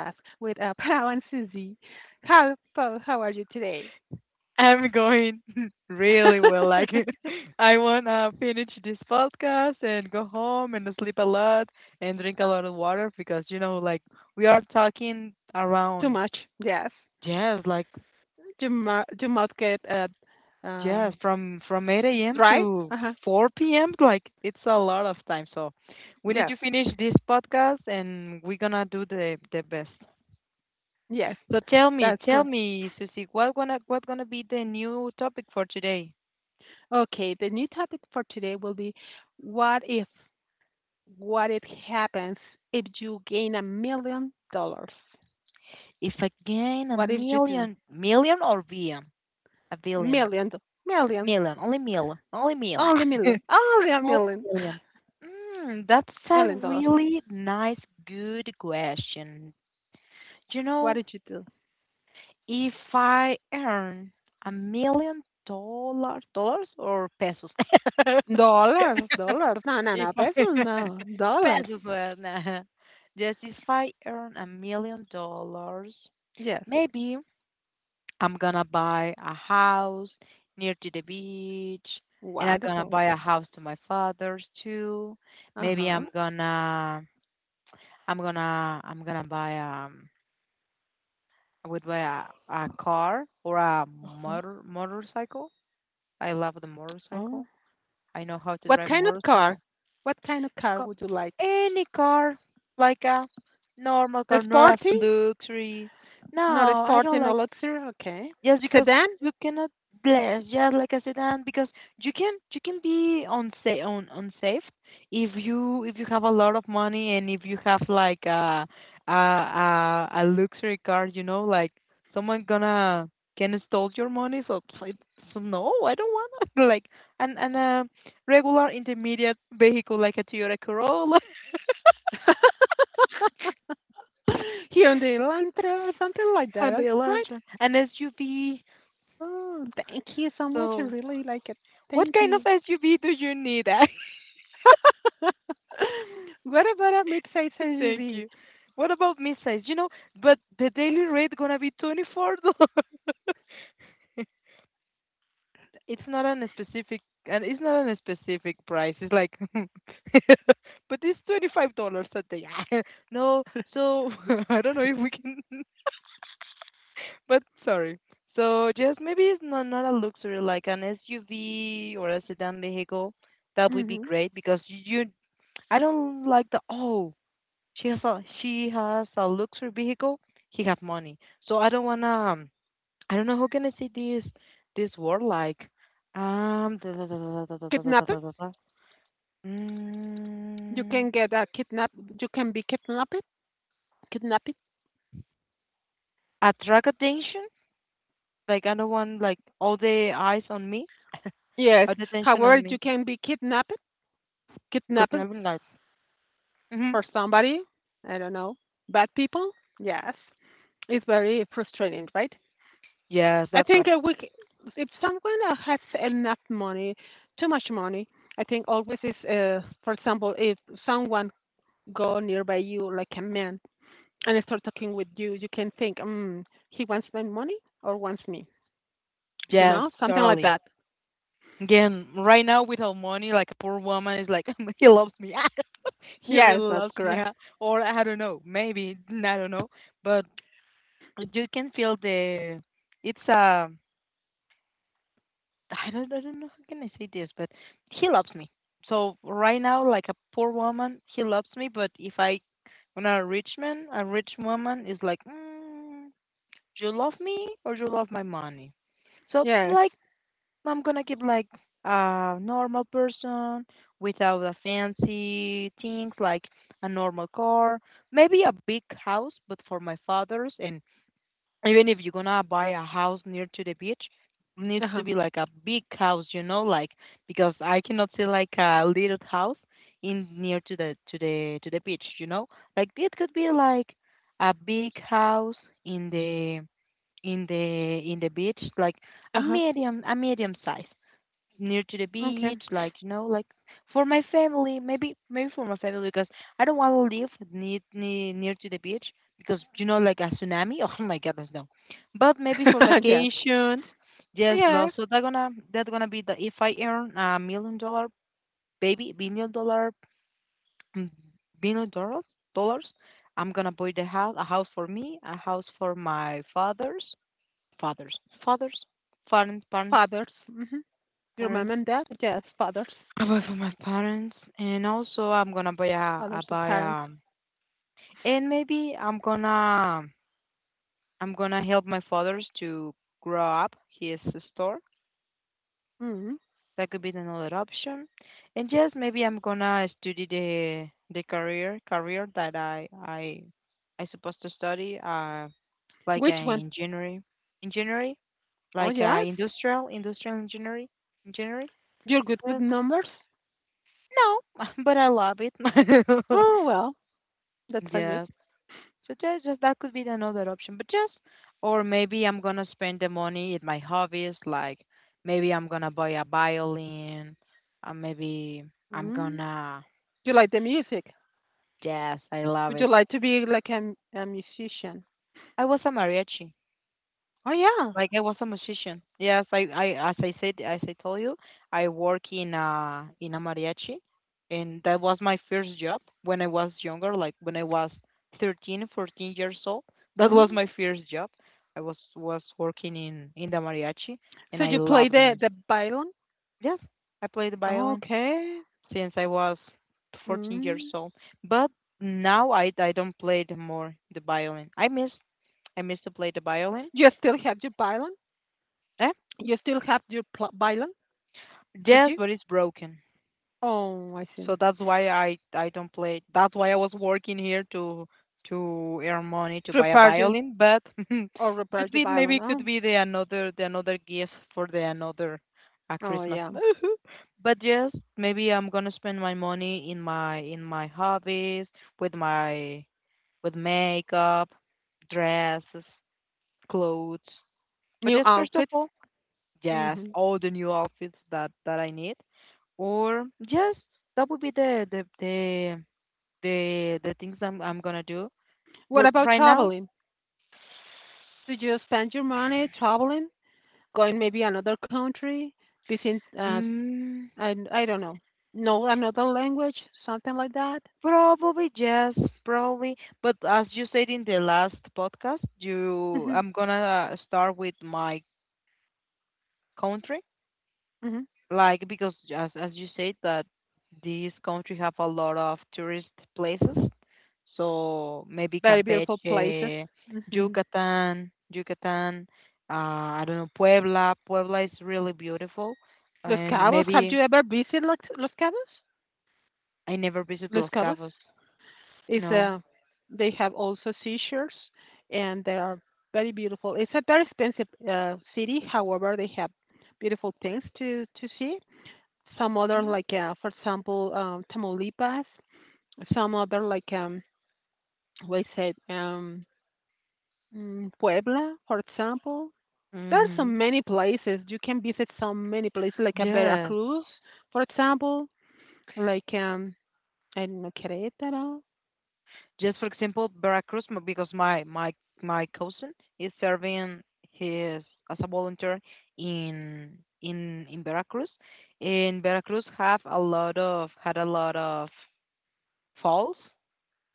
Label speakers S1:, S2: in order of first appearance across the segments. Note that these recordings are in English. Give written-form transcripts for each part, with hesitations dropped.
S1: with Pau and Susie. Hi, Paul, how are you today?
S2: I'm going really well. Like, I want to finish this podcast and go home and sleep a lot and drink a lot of water because, like, we are talking
S1: Too
S2: around,
S1: much, yes.
S2: yes, like,
S1: Your mouth get
S2: yes,
S1: um,
S2: from 8 a.m.
S1: dry?
S2: to
S1: Uh huh.
S2: 4 p.m. Like, it's a lot of time. So, we need
S1: Yes,
S2: to finish this podcast and we're gonna do the best.
S1: yes,
S2: So
S1: that's
S2: tell
S1: correct.
S2: me, Susie, what gonna be the new topic for today?
S1: Okay, the new topic for today will be what if, what if happens if you gain $1 million?
S2: If I gain a
S1: What if you do?
S2: million, million or billion? A billion.
S1: Million, million,
S2: Million. Only mil. Only mil.
S1: million, only a
S2: Only
S1: million,
S2: million. That's a
S1: million dollars.
S2: really nice, good question. You
S1: What
S2: know,
S1: did you do?
S2: if I earn $1 million or pesos?
S1: Dollars, dollars. No, no,
S2: if
S1: no,
S2: I
S1: pesos, no. Dollars.
S2: pesos, nah. Yes, if I earn $1 million,
S1: Yes.
S2: maybe I'm gonna buy a house near to the beach, and I'm gonna
S1: Wonderful.
S2: buy a house to my father's too. Maybe
S1: Uh-huh.
S2: I'm gonna buy I would buy a car or a
S1: Uh-huh.
S2: motorcycle. I love the
S1: Oh.
S2: motorcycle. I know how to
S1: What
S2: drive
S1: kind of car?
S2: motorcycle.
S1: What kind of car
S2: Co-
S1: would you like?
S2: Any car, like a normal
S1: A
S2: car, not
S1: sporty?
S2: a luxury.
S1: Not a
S2: No, I
S1: sporty,
S2: don't
S1: no
S2: like.
S1: luxury. Okay.
S2: Yes, because
S1: Sedan?
S2: you cannot bless. Yes, like I said, and because you can be unsafe on unsafe if you have a lot of money and if you have like a luxury car, like, someone gonna can steal your money. So, it's- so no, I don't want it. like, and a regular intermediate vehicle like a Toyota Corolla
S1: Hyundai Elantra, something like that,
S2: and the
S1: right?
S2: Elantra, an SUV.
S1: Oh, thank you so much. I
S2: So
S1: really like it.
S2: what
S1: Thank
S2: kind of
S1: you.
S2: SUV do you need?
S1: What about a mid-sized
S2: Thank
S1: SUV?
S2: you. What about midsize? But the daily rate gonna be $24. It's not on a specific price. It's like but it's $25 a day. no, so I don't know if we can but sorry. So just maybe it's not a luxury, like an SUV or a sedan vehicle. That would be
S1: Mm-hmm.
S2: great because you I don't like the oh, she has a she has a luxury vehicle. He have money. So I don't wanna. I don't know how can I say this word, like, da,
S1: Kidnapped?
S2: da, da, da.
S1: You
S2: Mm,
S1: can get a kidnap. You can be kidnapped. Kidnapped.
S2: attract attention. Like, I don't want like all the eyes on me,
S1: Yes.
S2: all the attention on
S1: However, you
S2: me.
S1: can be kidnapped. Kidnapped
S2: Copenhagen like. Mm-hmm.
S1: for somebody. I don't know. Bad people. Yes. It's very frustrating, right?
S2: Yes,
S1: I
S2: that's
S1: think
S2: right.
S1: if someone has enough money, too much money, I think always is. For example, if someone go nearby you like a man and start talking with you, you can think, he wants my money or wants me. You
S2: Yes,
S1: know, something like
S2: totally.
S1: that.
S2: Again, right now with our money, like a poor woman is like, he loves me. he
S1: Yes,
S2: really
S1: that's
S2: loves me.
S1: correct.
S2: Huh?" Or I don't know, maybe, I don't know. But you can feel the, it's a, I don't know how can I say this, but he loves me. So right now, like a poor woman, he loves me. But if I, when a rich man, a rich woman is like, you love me or you love my money? So
S1: Yes.
S2: like, I'm gonna give like a normal person without a fancy things, like a normal car, maybe a big house, but for my father's. And even if you're gonna buy a house near to the beach, needs to
S1: Uh-huh.
S2: be like a big house, like, because I cannot see like a little house in near to the beach. Like, it could be like a big house in the beach, like
S1: Uh-huh.
S2: a medium size near to the
S1: Okay.
S2: beach, like, for my family, maybe for my family because I don't want to live near to the beach because, like, a tsunami. Oh my goodness, no. But maybe for
S1: Yes.
S2: vacations, yes, love.
S1: Yes.
S2: So that gonna be the, if I earn $1 million, baby billion dollar, mm, billion dollars, I'm gonna buy the house a house for me, a house for my fathers, fathers, fathers, parents,
S1: Fathers. Mm-hmm. Your mom
S2: parents.
S1: and dad? Yes, fathers.
S2: I buy for my parents, and also I'm gonna buy a, I
S1: Fathers or
S2: buy
S1: parents.
S2: and maybe I'm gonna help my father's to grow up his store.
S1: Mm-hmm.
S2: That could be another option, and yes, maybe I'm gonna study the career that I supposed to study, like,
S1: Which one?
S2: engineering, engineering
S1: Oh,
S2: like,
S1: yes.
S2: industrial, engineering.
S1: You're good with
S2: Yes.
S1: numbers?
S2: No, but I love it.
S1: Oh, well, that's a good.
S2: yes. So just, that could be another option. But just, or maybe I'm gonna spend the money in my hobbies, like, maybe I'm gonna buy a violin, or maybe I'm
S1: Mm.
S2: gonna,
S1: You like the music?
S2: yes, I love
S1: Would you
S2: it.
S1: like to be like a musician?
S2: I was a mariachi.
S1: Oh, yeah.
S2: Like, I was a musician. Yes, I, as I told you, I work in a mariachi, and that was my first job when I was younger, like when I was 13, 14 years old. That was
S1: Mm.
S2: my first job. I was working in the mariachi,
S1: So
S2: and I
S1: you play
S2: love the
S1: the,
S2: music.
S1: the violin?
S2: Yes, I played the violin
S1: Okay.
S2: since I was 14 years
S1: Mm.
S2: old. But now I don't play the more the violin. I miss to play the violin.
S1: You still have your violin?
S2: Eh?
S1: You still have your violin? Would
S2: Yes,
S1: you?
S2: but it's broken.
S1: Oh, I
S2: So
S1: see.
S2: that's why I don't play. That's why I was working here to earn money to buy a
S1: Prepared you
S2: violin, but
S1: or
S2: could
S1: prepared you
S2: be
S1: by
S2: maybe
S1: Lana.
S2: could be the another gift for the another
S1: Oh,
S2: Christmas.
S1: yeah.
S2: But yes, maybe I'm gonna spend my money in my hobbies, with my with makeup, dresses, clothes. But
S1: New
S2: just, first of
S1: outfit.
S2: all, yes,
S1: Hmm.
S2: all the new outfits that I need, or just that would be the the things I'm gonna do.
S1: What
S2: But
S1: about
S2: right now,
S1: traveling? Did you spend your money traveling, going maybe another country, visiting?
S2: Mm,
S1: I I I don't know another language, something like that.
S2: probably yes, probably. But as you said in the last podcast, you
S1: Hmm.
S2: I'm gonna start with my country,
S1: Hmm.
S2: like, because as you said that this country have a lot of tourist places, so maybe
S1: Very beautiful places.
S2: Campeche,
S1: Hmm.
S2: Yucatan, I don't know, Puebla is really beautiful,
S1: Los
S2: and
S1: Cabos. Have
S2: maybe,
S1: you ever visited Los Cabos?
S2: I never visit
S1: Los
S2: Los
S1: Cabos.
S2: Cabos.
S1: It's
S2: No.
S1: a, they have also seashores and they are very beautiful. It's a very expensive city, however, they have beautiful things to see. Some other like, for example, Tamaulipas, some other like, what is said, Puebla, for example. There are so
S2: Mm-hmm.
S1: many places. You can visit so many places like a
S2: Yes.
S1: Veracruz, for example, like, I don't know, Querétaro.
S2: Just for example, Veracruz, because my cousin is serving, his as a volunteer, in Veracruz, and Veracruz have a lot of had a lot of falls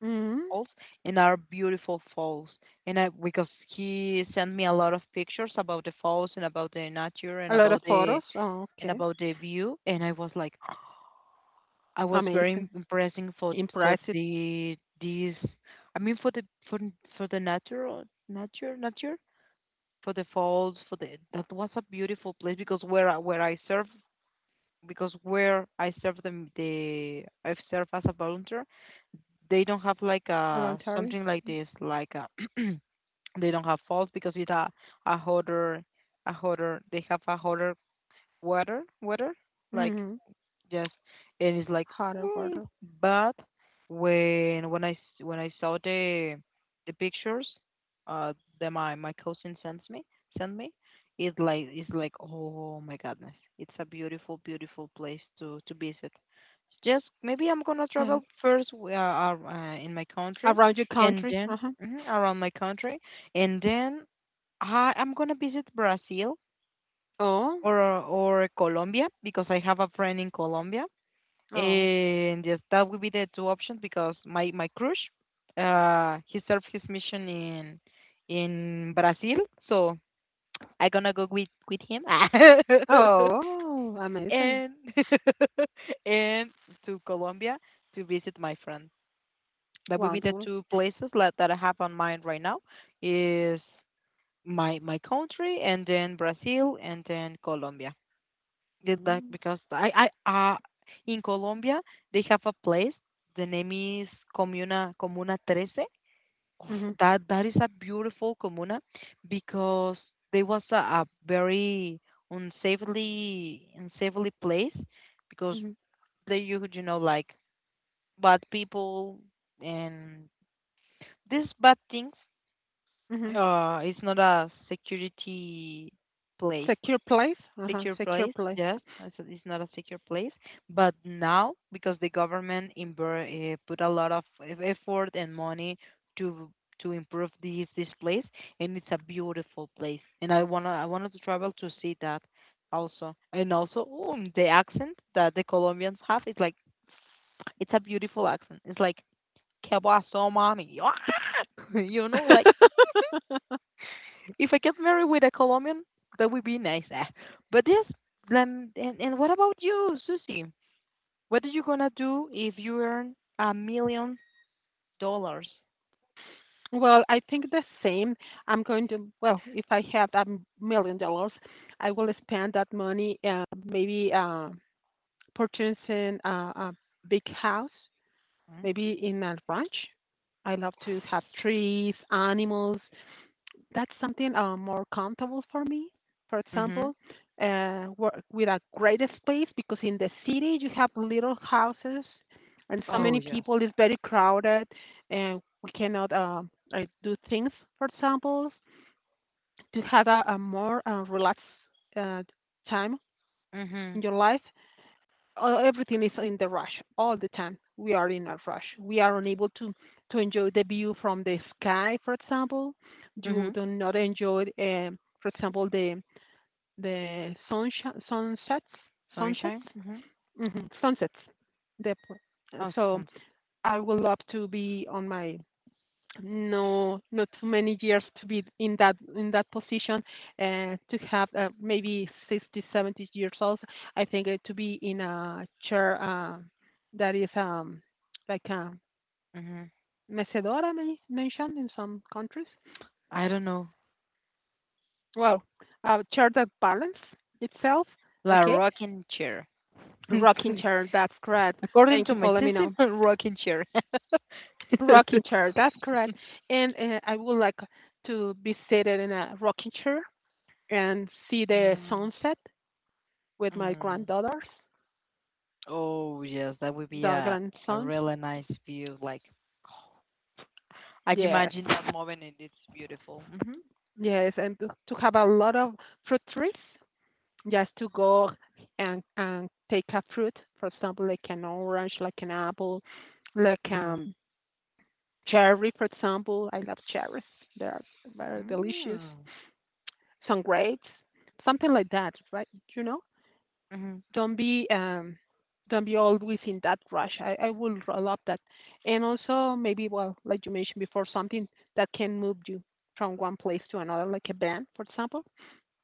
S1: Hmm.
S2: falls, and are beautiful falls. And I, because he sent me a lot of pictures about the falls and about the nature
S1: A
S2: and
S1: lot of photos. Oh, okay.
S2: about the view, and I was like I was very
S1: Amazing.
S2: impressing for
S1: Impressive.
S2: these, I mean, for the, for the natural, nature, for the falls, for the that was a beautiful place. Because where I serve, because where I serve them the I've served as a volunteer, they don't have like a
S1: Voluntary.
S2: something like this, like a they don't have falls because it's a hotter a hotter, they have a hotter weather, like,
S1: Mm-hmm.
S2: Yes, and it's like,
S1: Hotter
S2: mm,
S1: water.
S2: but when when I saw the pictures, uh that my cousin sends me sent me, it like it's like oh my goodness, it's a beautiful beautiful place to visit. Just maybe I'm gonna
S1: Yes.
S2: travel first, in my country,
S1: Around your
S2: and
S1: country.
S2: then,
S1: Uh-huh.
S2: mhm, around my country, and then I'm gonna visit Brazil
S1: Oh.
S2: or Colombia, because I have a friend in Colombia,
S1: Oh.
S2: and yes, that would be the two options because my crush, he served his mission in Brazil, so I gonna go with him.
S1: Oh. Amazing.
S2: and and to Colombia to visit my friend. That would be the
S1: Wonderful.
S2: two places that I have on mind right now is my country, and then Brazil, and then Colombia. Get back,
S1: Mm-hmm.
S2: because I, in Colombia, they have a place. The name is Comuna Trece. Oof.
S1: Mm-hmm.
S2: That is a beautiful comuna, because there was a very unsafely place, because,
S1: Mm-hmm.
S2: they you know, like, bad people and these bad things,
S1: Hmm.
S2: it's not a security place,
S1: Secure place. Uh-huh.
S2: secure
S1: Secure
S2: place.
S1: place.
S2: Yes, it's not a secure place. But now, because the government, put a lot of effort and money to to improve this place, and it's a beautiful place. And I wanted to travel to see that also. And also, ooh, the accent that the Colombians have is like, it's a beautiful accent. It's like "¿Qué pasó, mami?" Like, if I get married with a Colombian, that would be nice. Ah. But yes, and what about you, Susie? What are you gonna do if you earn $1 million?
S1: Well, I think the same. Well, if I have a $1 million, I will spend that money maybe purchasing a big house maybe in a ranch. I love to have trees, animals. That's something more comfortable for me. For
S2: Mm-hmm.
S1: example, work with a greater space because in the city you have little houses and so
S2: Oh
S1: many
S2: yes.
S1: people. It's very crowded, and we cannot like do things. For example, to have a more relaxed uh, time
S2: Mm-hmm.
S1: in your life. Everything is in the rush all the time. We are in a rush. We are unable to enjoy the view from the sky, for example. You
S2: Mm-hmm.
S1: do not enjoy, for example, the sunshine, sunsets,
S2: Sunshine. Mm-hmm.
S1: sunsets. The, po- uh,
S2: Oh,
S1: so
S2: sunset.
S1: I would love to be on my no, not too many years to be in that position, and to have maybe 60, 70 years old. I think to be in a chair that is like a
S2: Mm-hmm.
S1: mecedora mentioned in some countries.
S2: I don't know.
S1: Well, a chair that balance itself.
S2: La
S1: Okay,
S2: rocking chair.
S1: rocking chair. That's correct.
S2: According
S1: Thank
S2: to
S1: you
S2: my
S1: for letting me
S2: system,
S1: know.
S2: rocking chair.
S1: Rocking chair. That's correct. And I would like to be seated in a rocking chair and see the
S2: mm-hmm.
S1: sunset with my granddaughters,
S2: Oh, yes, that would be
S1: the
S2: a
S1: grandsons.
S2: really nice view. Like, I'd
S1: Yes,
S2: imagine that moment and it's beautiful. Mm-hmm.
S1: yes, and to have a lot of fruit trees, just to go and take a fruit, for example, like an orange, like an apple, like
S2: Mm.
S1: cherry, for example. I love cherries; they are very delicious.
S2: Mm.
S1: Some grapes, something like that, right? You know?
S2: Mhm.
S1: don't be um don't be always in that rush. I will love that. And also maybe well, like you mentioned before, something that can move you from one place to another, like a band, for example,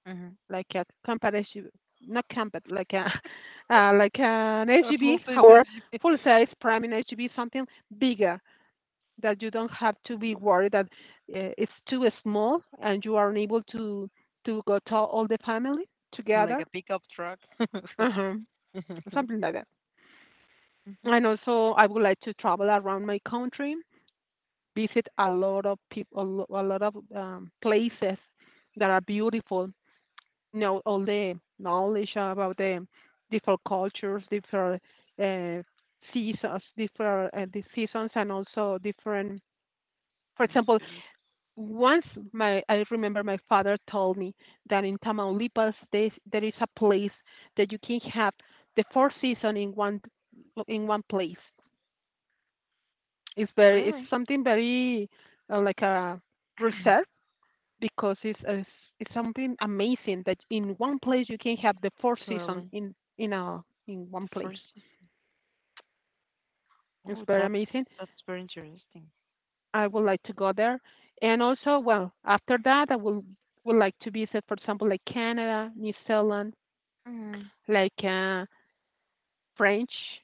S2: Mhm.
S1: like a competition not combat like a like an
S2: A full
S1: SUV
S2: face as
S1: however, full size prime in SUV something bigger that you don't have to be worried that it's too small and you are unable to go to all the family
S2: you- Like
S1: together.
S2: a pickup truck.
S1: Uh-huh.
S2: Mhm.
S1: Something like that.
S2: Mhm.
S1: And also, I would like to travel around my country, visit a lot of people, a lot of places that are beautiful. Know all the knowledge about the different cultures, different uh, seasons, different the seasons, and also different. For
S2: And
S1: example,
S2: food.
S1: once my I remember my father told me that in Tamaulipas there is a place that you can have the four seasons in one place. It's
S2: Really?
S1: something very like a process because it's something amazing that in one place you can have the four seasons
S2: Totally. The
S1: in one place.
S2: first seasons.
S1: It's
S2: Oh,
S1: very
S2: that
S1: amazing.
S2: that's very interesting.
S1: I would like to go there, and also well after that I will would like to visit for example like Canada, New Zealand,
S2: Mm.
S1: like French,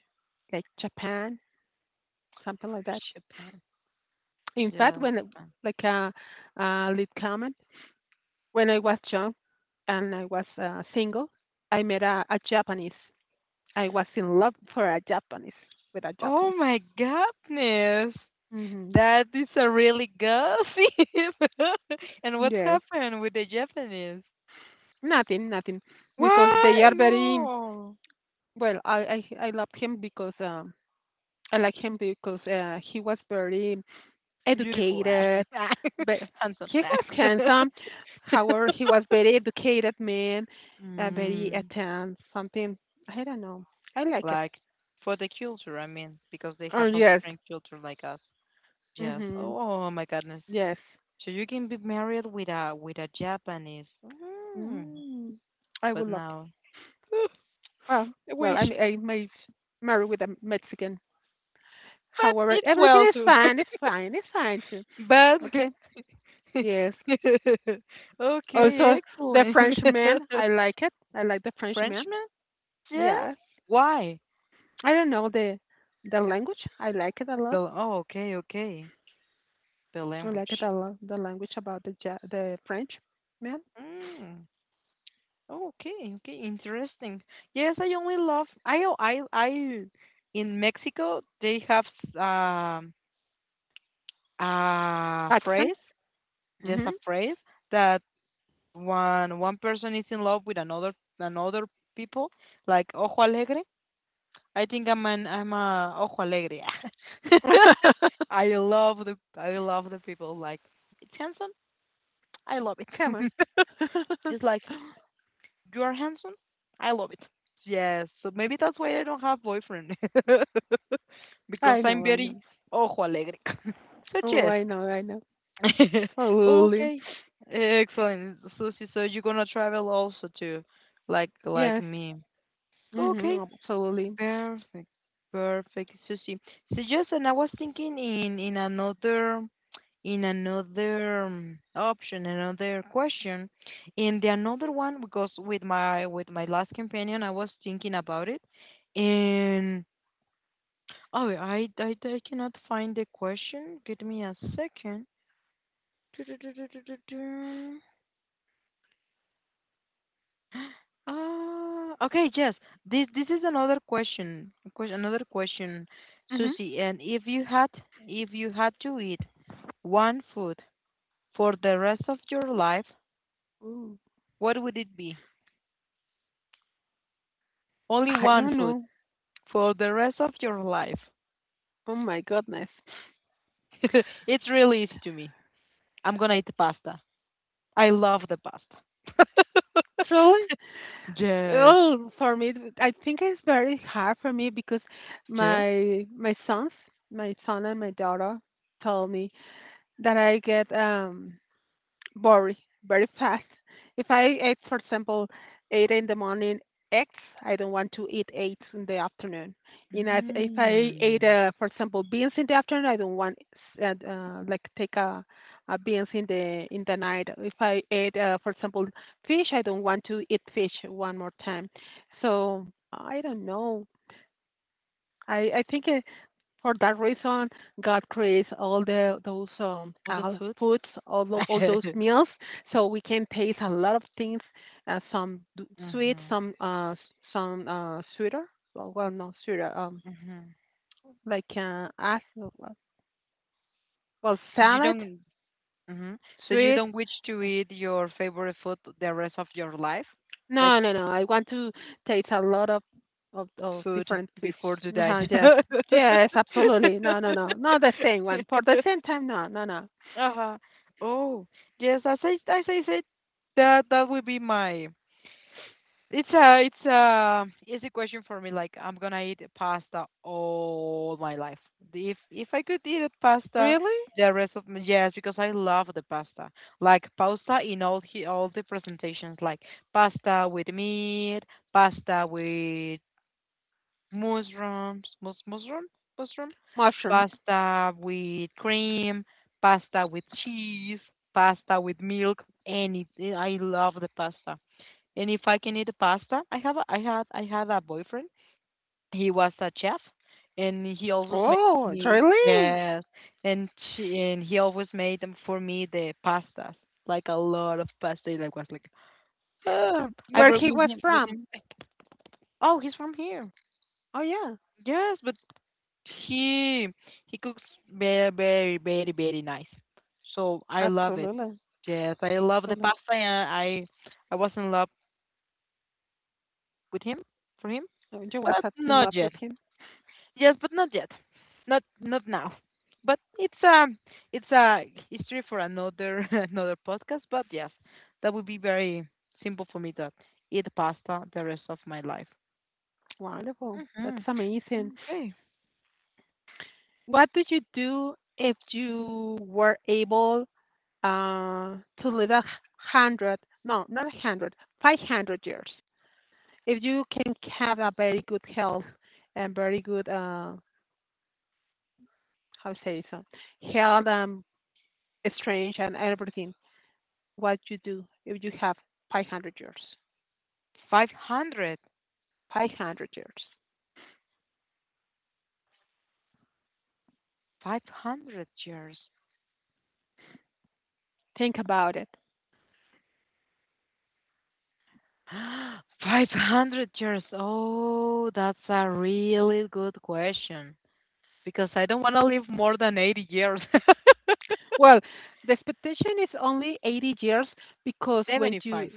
S1: like Japan, something like that.
S2: Japan.
S1: In fact,
S2: Yes,
S1: when
S2: Japan.
S1: like a lead comment when I was young and I was single, I met a Japanese. I was in love for a Japanese with a Japanese.
S2: Oh my goodness.
S1: Hmm.
S2: That is a really gossip. And what's
S1: Yes,
S2: happened with the Japanese?
S1: nothing, nothing, because they
S2: Why?
S1: are very
S2: No.
S1: well. I love him because I like him because he was very
S2: Beautiful.
S1: educated, but
S2: Handsome.
S1: he was handsome. However, he was very educated man, very
S2: Mm,
S1: attentive. Something I don't know. I like it.
S2: like for the culture, I mean, because they
S1: Oh
S2: have a
S1: yes.
S2: different culture like us. Yes. Oh my goodness.
S1: Yes.
S2: So you can be married with a Japanese. Mm.
S1: Mm. I would
S2: But
S1: look.
S2: now, oof,
S1: Well,
S2: I
S1: well,
S2: wish.
S1: I may marry with a Mexican.
S2: But
S1: However,
S2: it's
S1: everything
S2: well
S1: is
S2: too.
S1: fine. It's fine. It's fine too.
S2: But.
S1: Okay. Yes.
S2: Okay,
S1: Also, the
S2: excellent.
S1: Frenchman. I like it. I like the Frenchman.
S2: Frenchman? Yes.
S1: Yes.
S2: Why?
S1: I don't know the language. I like it a lot.
S2: Oh, okay, okay. The
S1: I like it
S2: language.
S1: a lot. The language about the French man
S2: Mm. Okay, okay, interesting. Yes, I only love I o- I I in Mexico they have a phrase,
S1: accent.
S2: just a
S1: Mhm.
S2: phrase that one person is in love with another another people like ojo alegre. I think I'm a ojo alegre. I love the people like it's handsome. I love
S1: Come
S2: it.
S1: on.
S2: It's like you are handsome. I love it. Yes, so maybe that's why I don't have boyfriend because
S1: I
S2: I'm
S1: know. I
S2: very
S1: know.
S2: ojo alegre. So
S1: Oh,
S2: yes.
S1: I know. I know. Absolutely.
S2: Okay. Excellent. So you're gonna travel also too, like
S1: Yes.
S2: me.
S1: Mhm.
S2: Okay.
S1: Absolutely.
S2: Perfect, perfect, Susie. So yes, and I was thinking in another option, another question. And the another one because with my last companion, I was thinking about it, and oh, I cannot find the question. Give me a second. Ah, okay, yes. This is another question. Another question,
S1: Mhm.
S2: Susie. And if you had to eat one food for the rest of your life,
S1: Ooh,
S2: what would it be? Only
S1: I
S2: one
S1: don't
S2: food
S1: know.
S2: for the rest of your life.
S1: Oh my goodness.
S2: It's really easy to me. I'm gonna eat pasta. I love the pasta.
S1: Truly,
S2: Yes.
S1: oh, for me, I think it's very hard for me because
S2: Yes.
S1: my sons, my son and my daughter, told me that I get very, very fast. If I eat, for example, eight in the morning eggs, I don't want to eat eight in the afternoon. You know, if I ate,
S2: Mm.
S1: for example, beans in the afternoon, I don't want like take a beans in the night. If I ate, for example, fish, I don't want to eat fish one more time. So I don't know. I think, for that reason, God creates all the those
S2: All the food.
S1: foods, all those meals, so we can taste a lot of things. Some sweet,
S2: Mm-hmm.
S1: some some sweeter. Well, not sweeter.
S2: Mm-hmm.
S1: Like as well,
S2: So you
S1: salad,
S2: don't mhm. So you
S1: sweet.
S2: don't wish to
S1: uh,
S2: eat your favorite food the rest of your life? Like
S1: No, no, no. I want to taste a lot of
S2: food
S1: different foods.
S2: before to die.
S1: Uh-huh, yes, yes, absolutely. No, no, no, not the same one. For the same time, no, no, no.
S2: Uh-huh. Oh, yes, as I said that that would be my It's a easy question for me. Like I'm gonna eat pasta all my life. If I could eat a pasta
S1: Really?
S2: the rest of my, yes, because I love the pasta. Like pasta in all the presentations. Like pasta with meat, pasta with mushrooms, mushroom,
S1: Mushroom.
S2: pasta with cream, pasta with cheese, pasta with milk. Any, I love the pasta. And if I can eat pasta, I have a, I had a boyfriend. He was a chef, and he always made
S1: Oh,
S2: me,
S1: really?
S2: yes, and and he always made them for me the pastas, like a lot of pasta. And I was like, oh, I
S1: Where
S2: broke
S1: he
S2: with
S1: was
S2: him with
S1: from?
S2: him. Like, oh, he's from here.
S1: Oh, yeah,
S2: Yes, but he he cooks very very very very nice. So I love it.
S1: absolutely,
S2: Yes, I love the
S1: absolutely.
S2: pasta, and I was in love with him for him,
S1: So you was
S2: but
S1: in
S2: not
S1: love
S2: yet.
S1: with him.
S2: Yes, but not yet. Not now. But it's a history for another another podcast. But yes, that would be very simple for me to eat pasta the rest of my life.
S1: Wonderful. That's
S2: hmm
S1: amazing.
S2: Okay,
S1: What did you do if you were able to live a hundred? No, not a hundred, 500 years. If you can have a very good health and very good how say so, health and strength and everything, what you do if you have 500 years?
S2: 500.
S1: 500 years.
S2: 500 years.
S1: Think about it.
S2: 500 years. Oh, that's a really good question because I don't want to live more than 80 years.
S1: Well, the expectation is only 80 years because when you
S2: 75.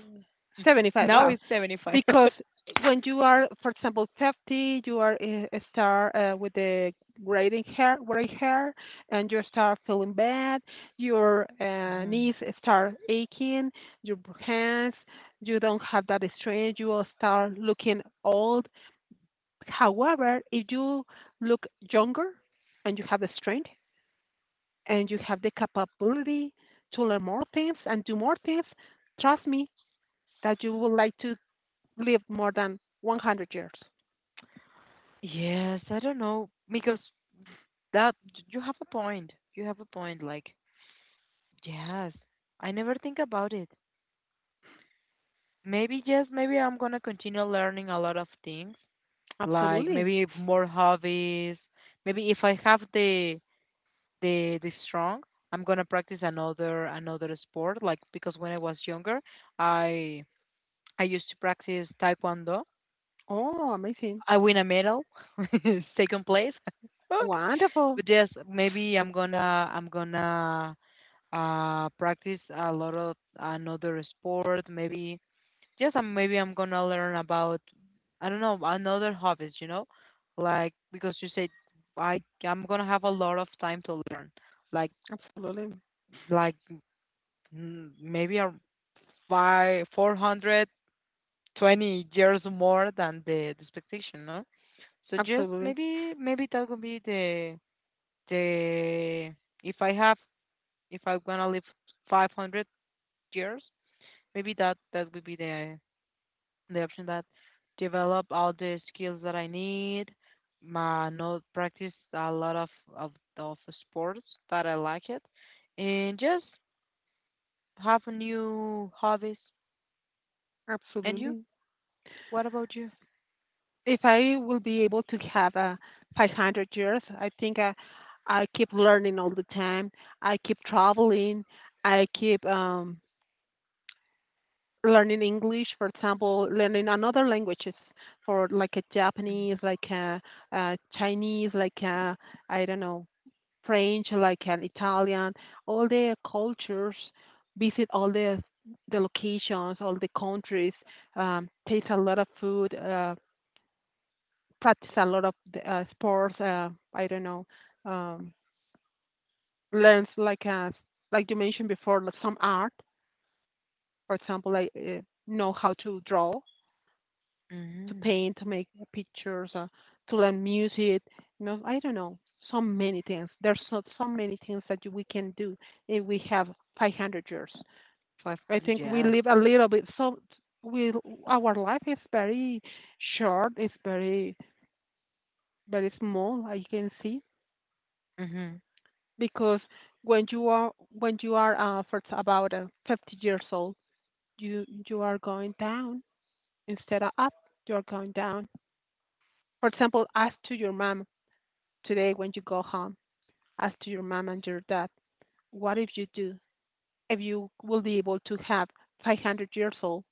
S1: 75,
S2: Now
S1: well,
S2: it's 75.
S1: because when you are, for example, 50, you are start with the graying hair, gray hair, and you start feeling bad. Your
S2: Mhm.
S1: knees start aching. Your hands, you don't have that strength. You will start looking old. However, if you look younger and you have the strength, and you have the capability to learn more things and do more things, trust me that you would like to live more than 100 years.
S2: Yes, I don't know because that you have a point. You have a point. Like, yes, I never think about it. Maybe yes, maybe I'm gonna continue learning a lot of things, like
S1: Absolutely.
S2: maybe more hobbies. Maybe if I have the strong, I'm gonna practice another sport. Like because when I was younger, I I used to practice taekwondo.
S1: Oh, amazing.
S2: I win a medal, second place.
S1: Wonderful.
S2: But yes, maybe I'm gonna practice a lot of another sport. Maybe yes, I'm maybe I'm gonna learn about, I don't know, another hobbies. You know, like because you said I'm gonna have a lot of time to learn. Like
S1: Absolutely.
S2: like maybe a five 420 years more than the expectation. No, so just
S1: Absolutely.
S2: maybe that would be the if I have if I'm gonna live 500 years, maybe that would be the option that develop all the skills that I need. My not practice a lot of of sports that I like it, and just have a new hobbies. And you?
S1: Absolutely.
S2: What about you?
S1: If I will be able to have 500 years, I think I keep learning all the time. I keep traveling. I keep learning English, for example, learning another languages for like a Japanese, like a, Chinese, like a, I don't know, French, like an Italian, all the cultures, visit all the locations, all the countries, taste a lot of food, practice a lot of the, sports, I don't know, um, learns like a, like you mentioned before, like some art, for example, like know how to draw to
S2: Mm-hmm.
S1: paint, to make pictures, to learn music. You know, I don't know, so many things. There's so, so many things that we can do if we have 500 years.
S2: Five
S1: I
S2: hundred.
S1: think we
S2: Yes.
S1: live a little bit. So we our life is very short. It's very very small. I can see
S2: Mm-hmm.
S1: because when you are for about 50 years old, you are going down instead of up. You are going down. For example, ask to your mom today when you go home as to your mom and your dad, what if you do? If you will be able to have 500 years old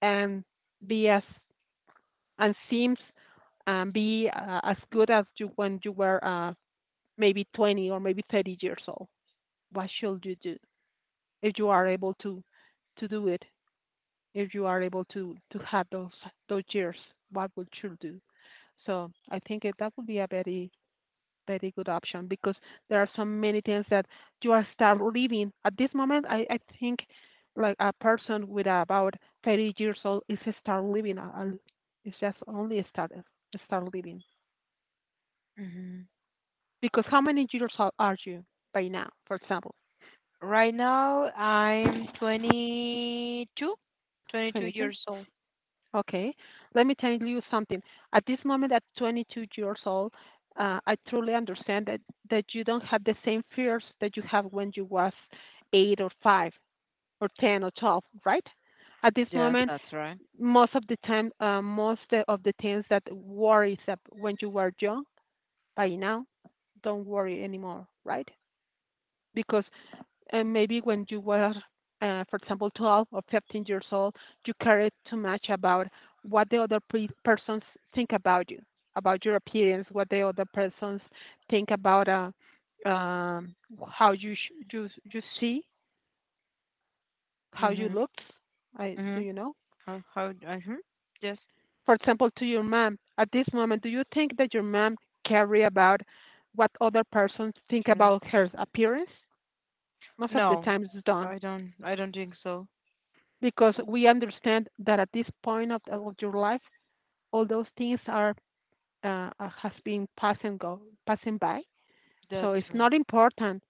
S1: and be as and seems and be as good as you when you were maybe 20 or maybe 30 years old. What should you do if you are able to do it? If you are able to have those years, what would you do? So I think that would be a very very good option because there are so many things that you are start living at this moment. I think like a person with about 30 years old is start living. It's just only start living
S2: Mm-hmm.
S1: because how many years old are you by now? For example,
S2: Right now, I'm twenty two
S1: 22.
S2: years old.
S1: Okay, let me tell you something. At this moment, at 22 years old, I truly understand that you don't have the same fears that you have when you was eight or five or 10 or 12, right? At this
S2: Yes,
S1: moment,
S2: that's right.
S1: most of the time, most of the things that worries up when you were young, by now, don't worry anymore, right? Because maybe when you were, for example, 12 or 15 years old, you cared too much about what the other persons think about you, about your appearance, what the other persons think about um, how you, you see, how you
S2: Mm-hmm.
S1: look. I do you know?
S2: How, hmm? Just
S1: For example, to your mom at this moment, do you think that your mom care about what other persons think
S2: turns.
S1: about her appearance? Most of the
S2: No,
S1: times it's done
S2: I don't. I don't think so.
S1: because we understand that at this point of your life, all those things are has been passing go passing by. So
S2: That's
S1: it's
S2: r-
S1: not important.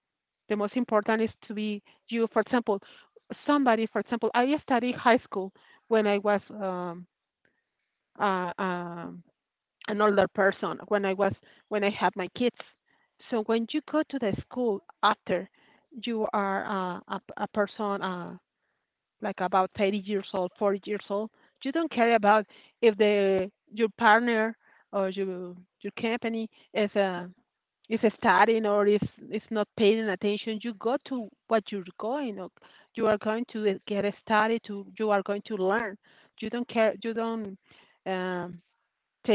S1: The most important is to be you. For example, somebody. For example, I studied high school when I was uh, um an older person when I had my kids. So when you go to the school after you are a person like about 30 years old, 40 years old, you don't care about if the your partner or your company is studying or is not paying attention. You go to what you're going. Or you are going to get a study. To you are going to learn. You don't care. You don't um,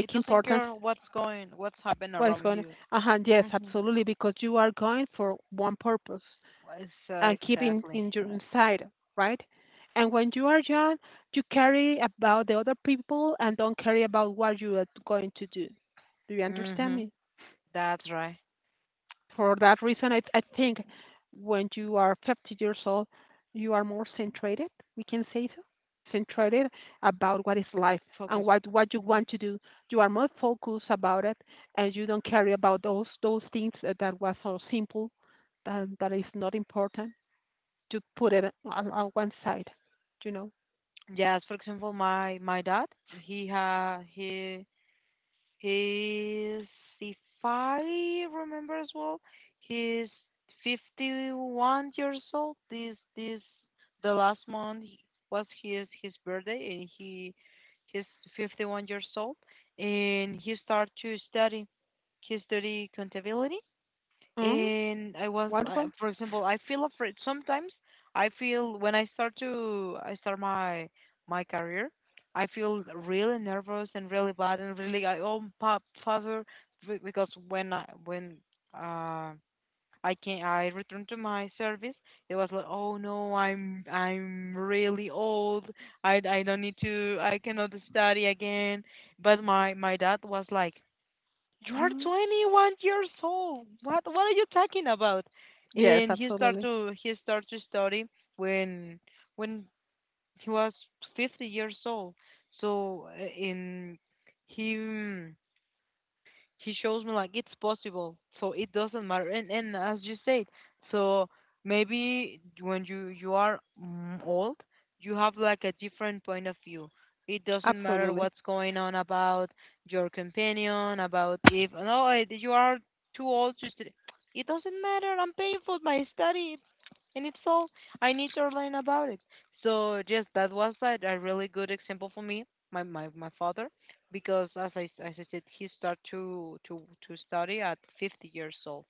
S2: it. Doesn't
S1: importance
S2: care what's going, what's happening
S1: what is
S2: around
S1: going.
S2: you.
S1: Uh-huh, yes,
S2: Mm-hmm.
S1: absolutely, because you are going for one purpose and keeping
S2: Exactly.
S1: in your inside, right? And when you are young, you carry about the other people and don't carry about what you are going to do. Do you understand
S2: Mm-hmm.
S1: me?
S2: That's right.
S1: For that reason, I think when you are 50 years old, you are more centrated, we can say so, centrated about what is life and
S2: Focus.
S1: what you
S2: Mhm.
S1: want to do. You are more focused about it and you don't care about those things that was so simple, that is not important to put it on one side, you know.
S2: Yes. For example, my dad. He ha he He's, if I remember as well, he's 51 years old. This the last month was his birthday, and he's 51 years old, and he started to study. He study contability,
S1: Mm,
S2: and I was like,
S1: wonderful.
S2: for example, I feel afraid sometimes. I feel when I start my career, I feel really nervous and really bad and really like oh pop father because when I when uh I can I returned to my service, it was like oh no I'm really old I don't need to I cannot study again, but my dad was like you're
S1: Mm,
S2: 21 years old what are you talking about,
S1: yes,
S2: and he started
S1: absolutely.
S2: to study when when he was 50 years old, so he mm, he shows me like it's possible so it doesn't matter, and as you said, so maybe when you are old you have like a different point of view. It doesn't matter
S1: Absolutely.
S2: what's going on about your companion, about if no I- you are too old to study. It doesn't matter, I'm paying for my study, and it's all I need to learn about it. So just that was a really good example for me, my father, because as I said, he started to, study at 50 years old.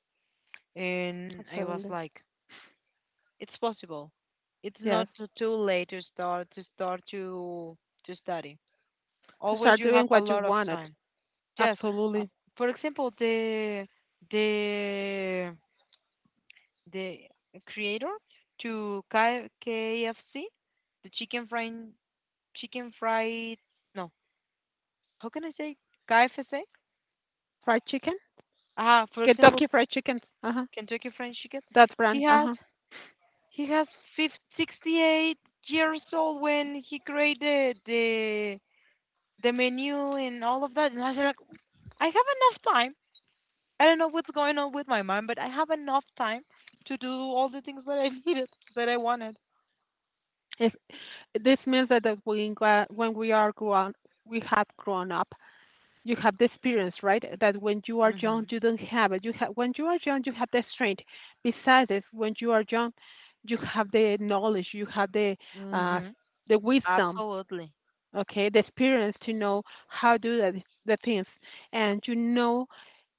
S2: And I was
S1: Absolutely.
S2: like, it's possible. It's not
S1: Yes.
S2: too late to start to study.
S1: To
S2: Always
S1: start
S2: you
S1: doing
S2: have a
S1: what you
S2: lot of
S1: wanted.
S2: time. Yes. Uh,
S1: Absolutely.
S2: for example, the the creator to KFC, the chicken fried no, how can I say KFC?
S1: Fried chicken?
S2: Ah, for example,
S1: Kentucky Fried Chicken. Uh-huh.
S2: Kentucky Fried Chicken.
S1: That
S2: He
S1: brand.
S2: has
S1: Uh-huh.
S2: he has 50 68 years old when he created the menu and all of that. And I was like, I have enough time. I don't know what's going on with my mind, but I have enough time to do all the things that I needed, that I wanted.
S1: If this means that, that we, when we are grown, we have grown up. You have the experience, right? That when you are young,
S2: Mhm.
S1: you don't have it. You have when you are young, you have the strength. Besides this, when you are young, you have the knowledge. You have uh,
S2: Mhm.
S1: the wisdom.
S2: Absolutely.
S1: Okay, the experience to know how do the things, and you know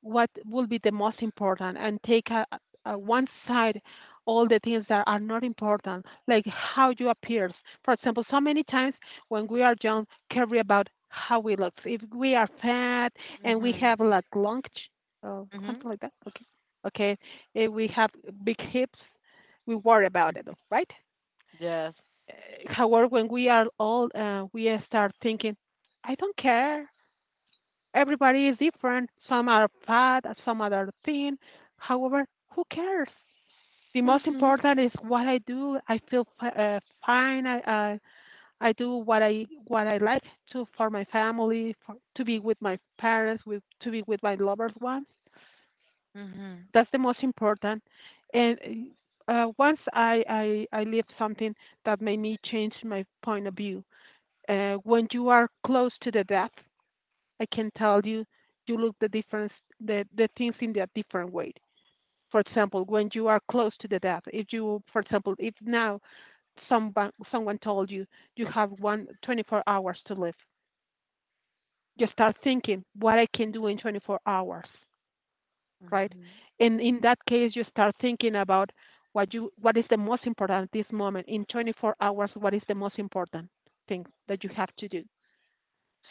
S1: what will be the most important and take a one side all the things that are not important, like how you appear. For example, so many times when we are young, care about how we look, if we are fat and we
S2: Mhm.
S1: have like long
S2: Mhm.
S1: something like that. Okay, okay, if we have big hips we worry about it,
S2: Mm.
S1: right?
S2: Yes.
S1: However, when we are old, we start thinking, I don't care. Everybody is different. Some are fat, some are thin. However, who cares? The most
S2: Mhm.
S1: important is what I do. I feel fine. I do what I like to for my family, for, to be with my parents, with to be with my loved ones.
S2: Mhm.
S1: That's the most important. And once I lived something that made me change my point of view when you are close to the death, I can tell you you look the difference the things in a different way. For example, when you are close to the death, if you, for example, if now someone told you you have one 24 hours to live, you start thinking what I can do in 24 hours, right?
S2: Mhm.
S1: And in that case, you start thinking about what you what is the most important at this moment in 24 hours. What is the most important thing that you have to do?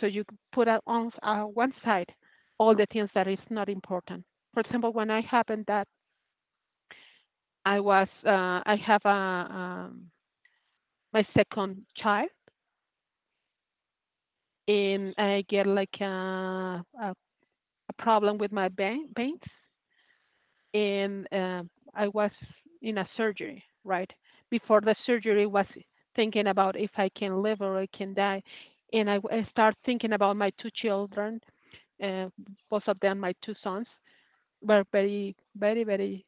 S1: So you put on one side all the things that is not important. For example, when I happened that I was, I have a, my second child, and I get like a, a problem with my veins, and I was in a surgery, right? Before the surgery, was thinking about if I can live or I can die, and I start thinking about my two children, uh, both of them, my two sons, were very, very, very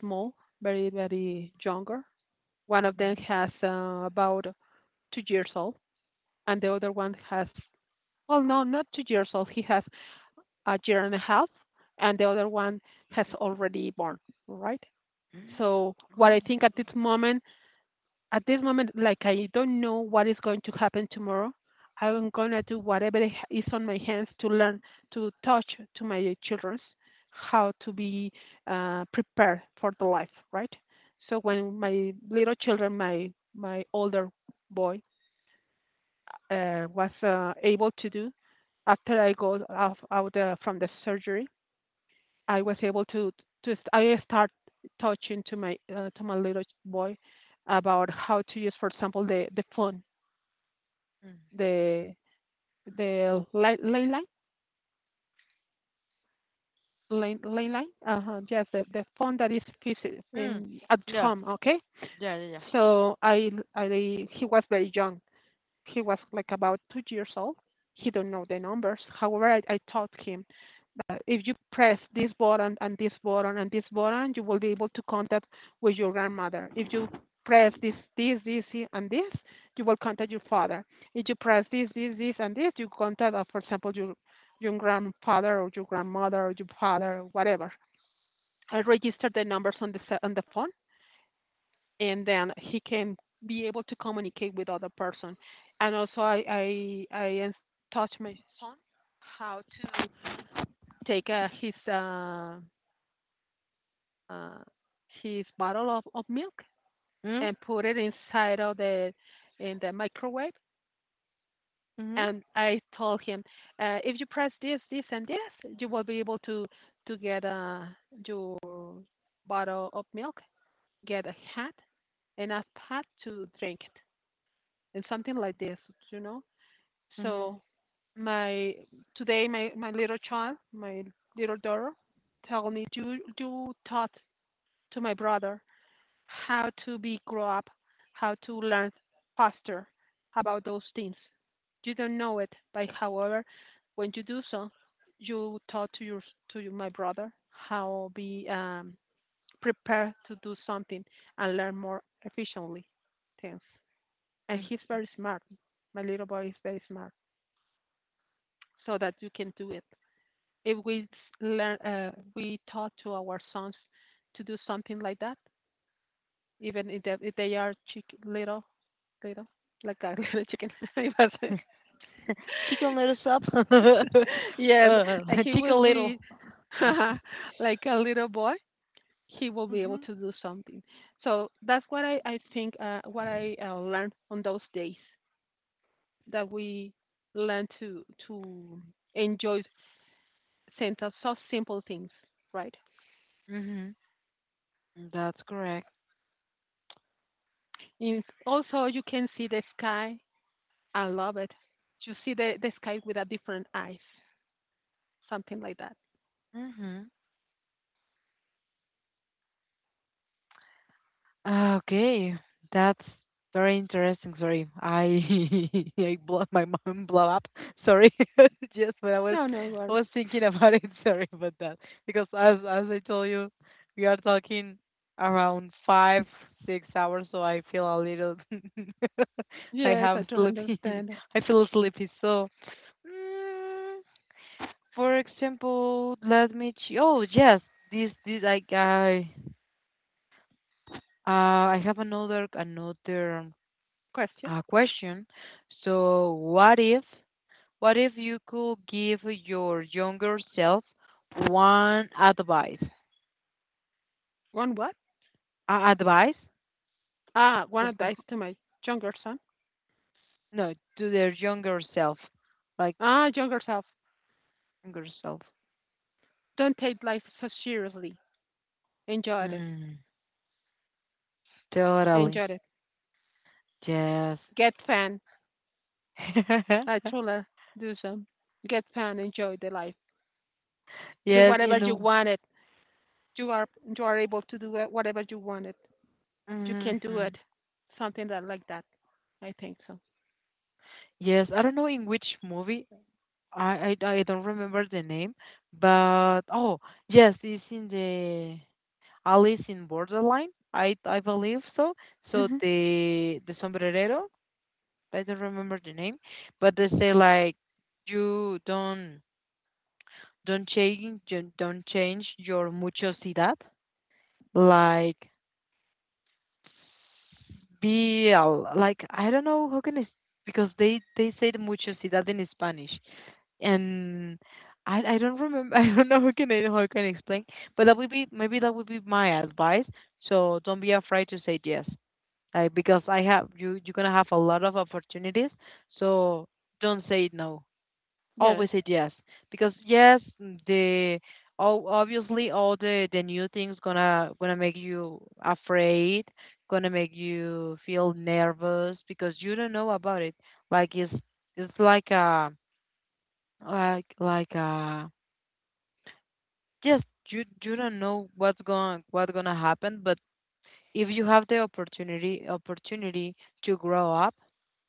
S1: small, very, very younger. One of them
S2: Mhm.
S1: has about 2 years old, and the other one has, well, no, not 2 years old. He has a year and a half, and the other one has already born, right? So, what
S2: Oh,
S1: I
S2: my
S1: think
S2: God.
S1: at this moment, like I don't know what is going to happen tomorrow, I'm gonna do whatever is on my hands to learn to touch to my childrens how to be prepared for the life, right? So when my little children, my older boy was able to do after I go out from the surgery, I was able to I start touching to my little boy about how to use, for example, the phone,
S2: Mm.
S1: the the ley ley line, ley ley line, yes, the phone that is fixed
S2: Mm.
S1: in at
S2: Yeah.
S1: home. Okay,
S2: Yeah. Yeah. Yeah.
S1: so I he was very young, he was like about 2 years old. He don't know the numbers. However, I taught him that if you press this button and this button and this button, you will be able to contact with your grandmother. If you press this, this, this, and this, you will contact your father. If you press this, this, this, and this, you contact, for example, your grandfather or your grandmother or your father or whatever. I registered the numbers on the phone and then he can be able to communicate with other person. And also, I taught my son how to take uh, his bottle of milk
S2: Mm.
S1: and put it inside of the in the microwave.
S2: Mhm.
S1: And I told him, if you press this, this, and this, you will be able to get your bottle of milk, get a hat, enough hat to drink it, and something like this, you know.
S2: Mhm,
S1: So my today, my little child, my little daughter, tell me you taught to my brother how to be grow up, how to learn faster about those things. You don't know it, but however, when you do so, you taught to your, my brother how be prepared to do something and learn more efficiently things. And
S2: mm.
S1: he's very smart. My little boy is very smart so that you can do it. If we learn, we taught to our sons to do something like that, even if if they are chick, little, like a little chicken. It was-
S2: Chicken Little Soup.
S1: yes,
S2: Uh,
S1: like he was
S2: Chicken Little.
S1: be like a little boy. He will be able
S2: Mhm.
S1: to do something. So that's what I think what I learned on those days that we learn to enjoy simple, so simple things, right?
S2: Mhm. That's correct.
S1: Is also you can see the sky. I love it. You see the sky with a different eyes, something like that.
S2: Mhm. Ah, okay, that's very interesting. Sorry, I I blow my mind blow up. Sorry, just when I was
S1: No, no
S2: I
S1: worries.
S2: was thinking about it. Sorry about that. Because as I told you, we are talking around 5 6 hours, so I feel a little. I
S1: Yes, I
S2: have
S1: totally
S2: sleepy.
S1: understand.
S2: I feel sleepy. So, mm, for example, let me. Oh yes, this I. I have another.
S1: Question?
S2: A question. So, what if you could give your younger self one advice?
S1: One what?
S2: Advice?
S1: Ah, one advice
S2: Consejo?
S1: to my younger son.
S2: No, to their younger self, like
S1: Ah, younger self.
S2: younger self.
S1: Don't take life so seriously. Enjoy it.
S2: Mm, totally.
S1: Enjoy it.
S2: Yes.
S1: Get fun. I truly do some. Get fun. Enjoy the life. Do
S2: Yes.
S1: whatever
S2: In
S1: you want it. You are you are able to do wha- whatever you wanted. You can do
S2: Mm-hmm.
S1: it. Something that like that. I think so.
S2: Yes, I don't know in which movie. I don't remember the name, but oh yes, it's in the Alice in Borderline, I believe so. So
S1: Hmm.
S2: the sombrerero, I don't remember the name, but they say like you don't change your muchosidad, like like I don't know how can I s- because they say the muchosidad in Spanish and. I don't remember, I don't know how I can explain, but that would be my advice. So don't be afraid to say yes, like because I have you're gonna have a lot of opportunities. So don't say no.
S1: Yes.
S2: Always say yes because yes, the oh, obviously all the new things gonna make you afraid, gonna make you feel nervous because you don't know about it. Like it's like a like like a just you don't know what's gonna happen, but if you have the opportunity to grow up,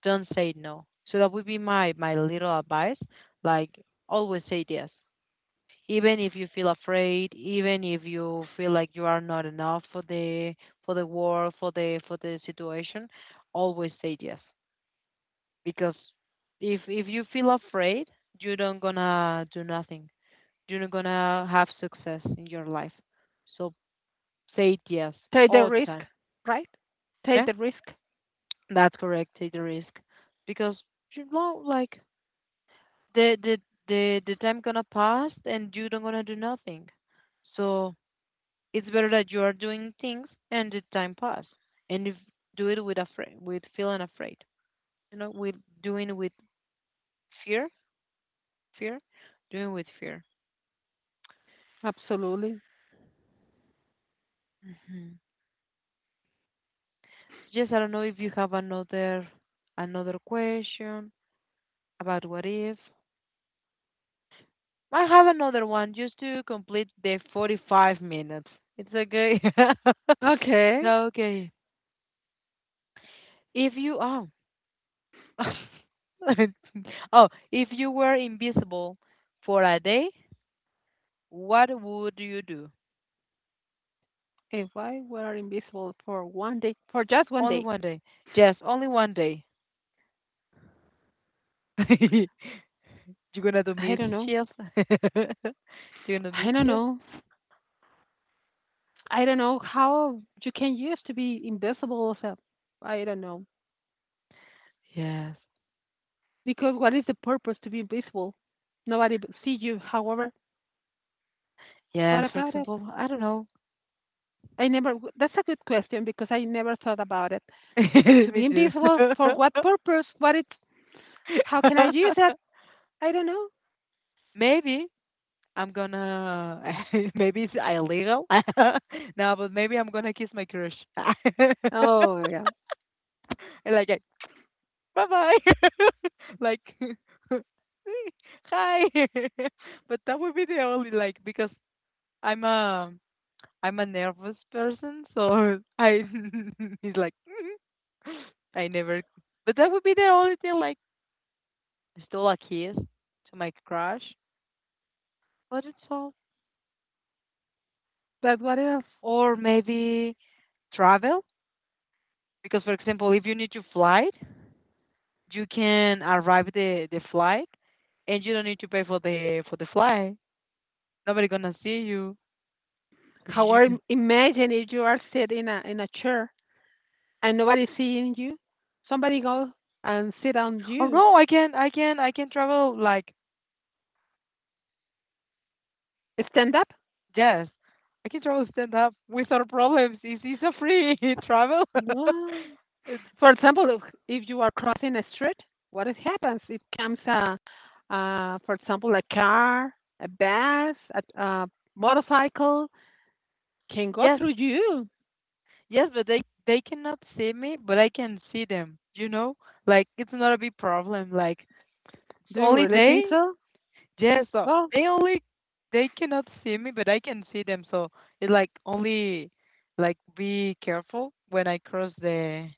S2: don't say no. So that would be my little advice. Like Always say yes. Even if you feel afraid, even if you feel like you are not enough for the world, for the situation, always say yes. Because if you feel afraid, you don't gonna do nothing. You're not gonna have success in your life. So say yes
S1: Take the
S2: all the
S1: risk,
S2: time.
S1: right? Take
S2: Yeah?
S1: the risk.
S2: That's correct. Take the risk because you know, like the the the time gonna pass and you don't gonna do nothing. So it's better that you are doing things and the time pass. And if do it with afraid, with feeling afraid, with doing with fear, fear, doing with fear.
S1: Absolutely.
S2: hmm So yes, I don't know if you have another question about what if. I have another one just to complete the 45 minutes. It's okay.
S1: Okay.
S2: Okay. If you oh. Oh, if you were invisible for a day, what would you do?
S1: If I were invisible for one day, for just one
S2: Only
S1: day,
S2: 1 day. Yes, only 1 day. You're gonna do
S1: I don't know.
S2: mischief. You're gonna do
S1: I don't
S2: mischief.
S1: know. I don't know how you can use to be invisible. Also. I don't know.
S2: Yes.
S1: Because what is the purpose to be invisible? Nobody b- see you. However, what
S2: Yes, for
S1: about it?
S2: example, I don't know.
S1: I never. W- that's a good question because I never thought about it. To
S2: Me
S1: be
S2: too.
S1: invisible for what purpose? What it? How can I use that? I don't know.
S2: Maybe I'm gonna maybe it's illegal. No, but maybe I'm gonna kiss my crush.
S1: Oh yeah.
S2: And like bye bye. Like hi. But that would be the only like because I'm a I'm a nervous person, so I he's like "Mhm." I never. But that would be the only thing like still a kiss to my crush. But it's all
S1: But what else?
S2: or maybe travel. Because, for example, if you need to flight, you can arrive the flight, and you don't need to pay for the flight. Nobody gonna see you. So you
S1: However,
S2: can.
S1: im- imagine if you are sitting in a chair and nobody's seeing you. Somebody go and sit on
S2: Oh
S1: you.
S2: no, I can travel like
S1: Stand up.
S2: yes, I can travel stand up without problems. It's a free travel.
S1: Wow. For example, if you are crossing a street, what it happens? It comes a, for example, a car, a bus, a motorcycle can go
S2: Yes,
S1: through you.
S2: yes, but they cannot see me, but I can see them. You know, like it's not a big problem. Like it's
S1: Do you
S2: only
S1: really think
S2: they.
S1: so?
S2: Yeah, so
S1: Well,
S2: they only they cannot see me, but I can see them. So it like only like be careful when I cross the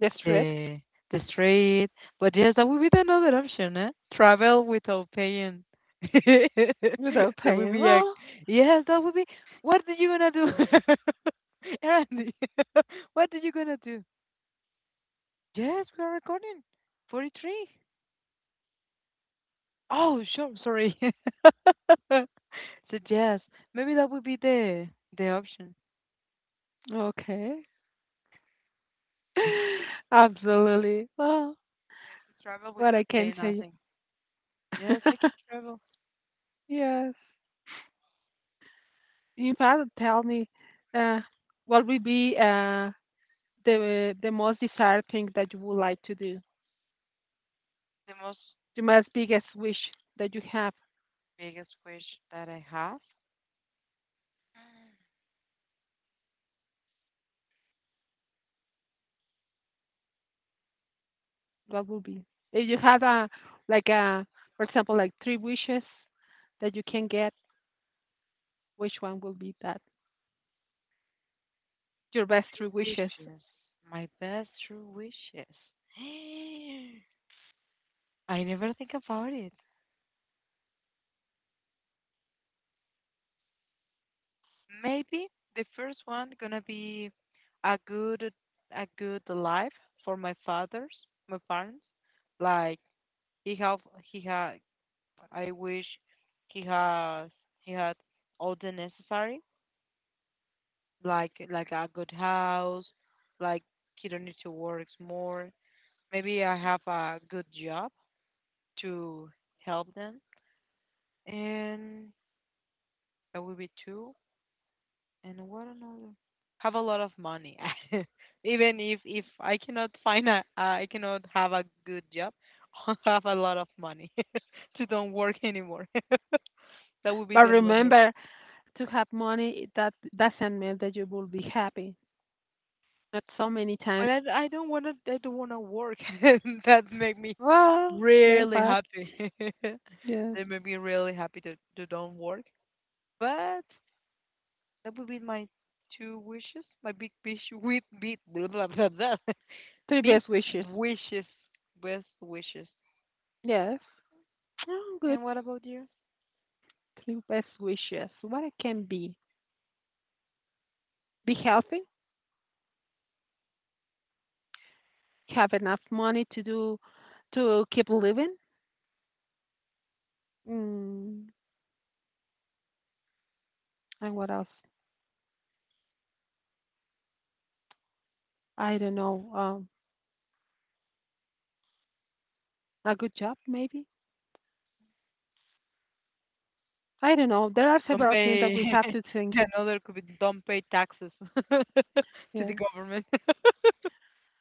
S1: that's right.
S2: the the street. But yes, that would be another option, eh? Travel without paying.
S1: Without
S2: That would
S1: paying.
S2: be like
S1: Well,
S2: yes, that would be. What are you gonna do, Randy? What are you gonna do? Yes, we are recording. 43. Oh, sure. Sorry. So yes, maybe that would be the option.
S1: okay.
S2: Yes, to
S1: Absolutely. Well,
S2: travel
S1: what
S2: without
S1: I can
S2: paying
S1: say.
S2: nothing. Yes, I can travel.
S1: Yes. You have tell me uh, what would be the most desired thing that you would like to do.
S2: The most
S1: The most biggest wish that you have.
S2: biggest wish that I have.
S1: What would be? If you have a like a for example like three wishes that you can get, which one will be that? Your best three
S2: True
S1: wishes.
S2: wishes. My best true wishes. I never think about it. Maybe the first one gonna be a good a good life for my fathers, my parents. Like he have he ha I wish he has he had all the necessary, like a good house, like he don't need to work more. Maybe I have a good job to help them, and that would be two. And what another? Have a lot of money. Even if I cannot have a good job, I'll have a lot of money to don't work anymore. That would be
S1: But
S2: the another.
S1: remember, to have money it- that doesn't mean that you will be happy not so many times.
S2: But I don't want to work. And that make me
S1: Well then
S2: really
S1: what?
S2: happy.
S1: Yes.
S2: That made me really happy to don't work. But that would be my two wishes. My big wish with big blah, blah, blah, blah.
S1: Three
S2: Big
S1: best wishes.
S2: wishes, best wishes.
S1: Yes. Oh, good.
S2: And what about you?
S1: Three best wishes, what it can be. Be healthy, have enough money to do, to keep living. Mm, and what else? I don't know. A good job maybe. I don't know, there are
S2: Don't
S1: several things that
S2: pay.
S1: we have to think.
S2: The another could be don't pay taxes to the
S1: Yes,
S2: government.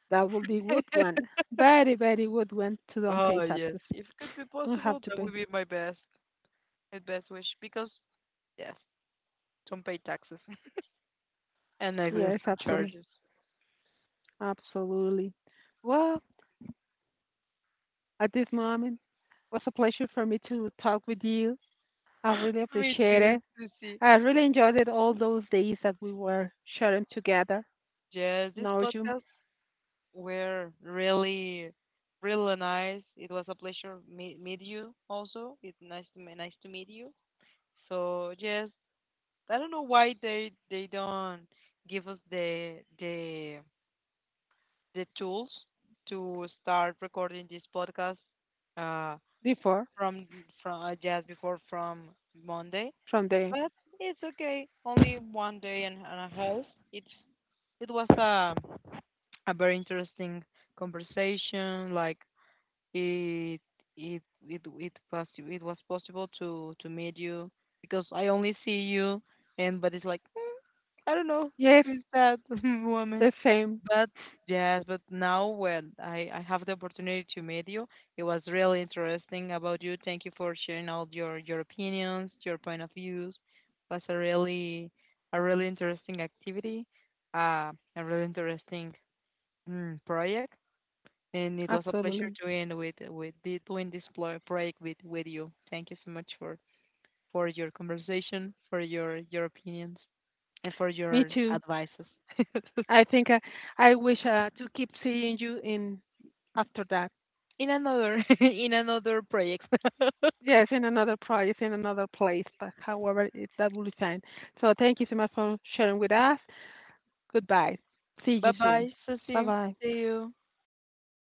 S1: that would be good one. Very very good one to don't pay
S2: Oh yes,
S1: taxes.
S2: if it could be
S1: Don't have
S2: possible,
S1: to
S2: that
S1: pay.
S2: would be my best wish because yes. Don't pay taxes and
S1: Yes,
S2: exemption
S1: absolutely.
S2: charges.
S1: Absolutely. Well, at this moment, was a pleasure for me to talk with you. I really
S2: Me
S1: appreciate
S2: too,
S1: it.
S2: Susie.
S1: I really enjoyed it all those days that we were sharing together,
S2: Yes, this
S1: know you
S2: podcast were really, really nice. It was a pleasure meet you. Also, it's nice nice to meet you. So yes, I don't know why they don't give us the tools to start recording this podcast uh
S1: before,
S2: from just before from Monday.
S1: from the.
S2: But it's okay. Only 1 day and a half. It it was a very interesting conversation. Like it it it was it was possible to meet you because I only see you and but it's like I don't know
S1: Yes,
S2: who's that woman.
S1: the same,
S2: But yes, but now when I have the opportunity to meet you, it was really interesting about you. Thank you for sharing all your opinions, your point of views. Was a really interesting activity, a really interesting mm, project, and it was a pleasure
S1: absolutely.
S2: doing this project with you. Thank you so much for your conversation, for your opinions and for
S1: Me
S2: your
S1: too.
S2: advices
S1: I think I, I wish to keep seeing you in after that.
S2: in another in another project.
S1: Yes, in another project, in another place, but however, it, that will be fine. So thank you so much for sharing with us. Goodbye. See
S2: Bye
S1: you
S2: bye,
S1: soon. Bye
S2: Susie.
S1: bye.
S2: See you.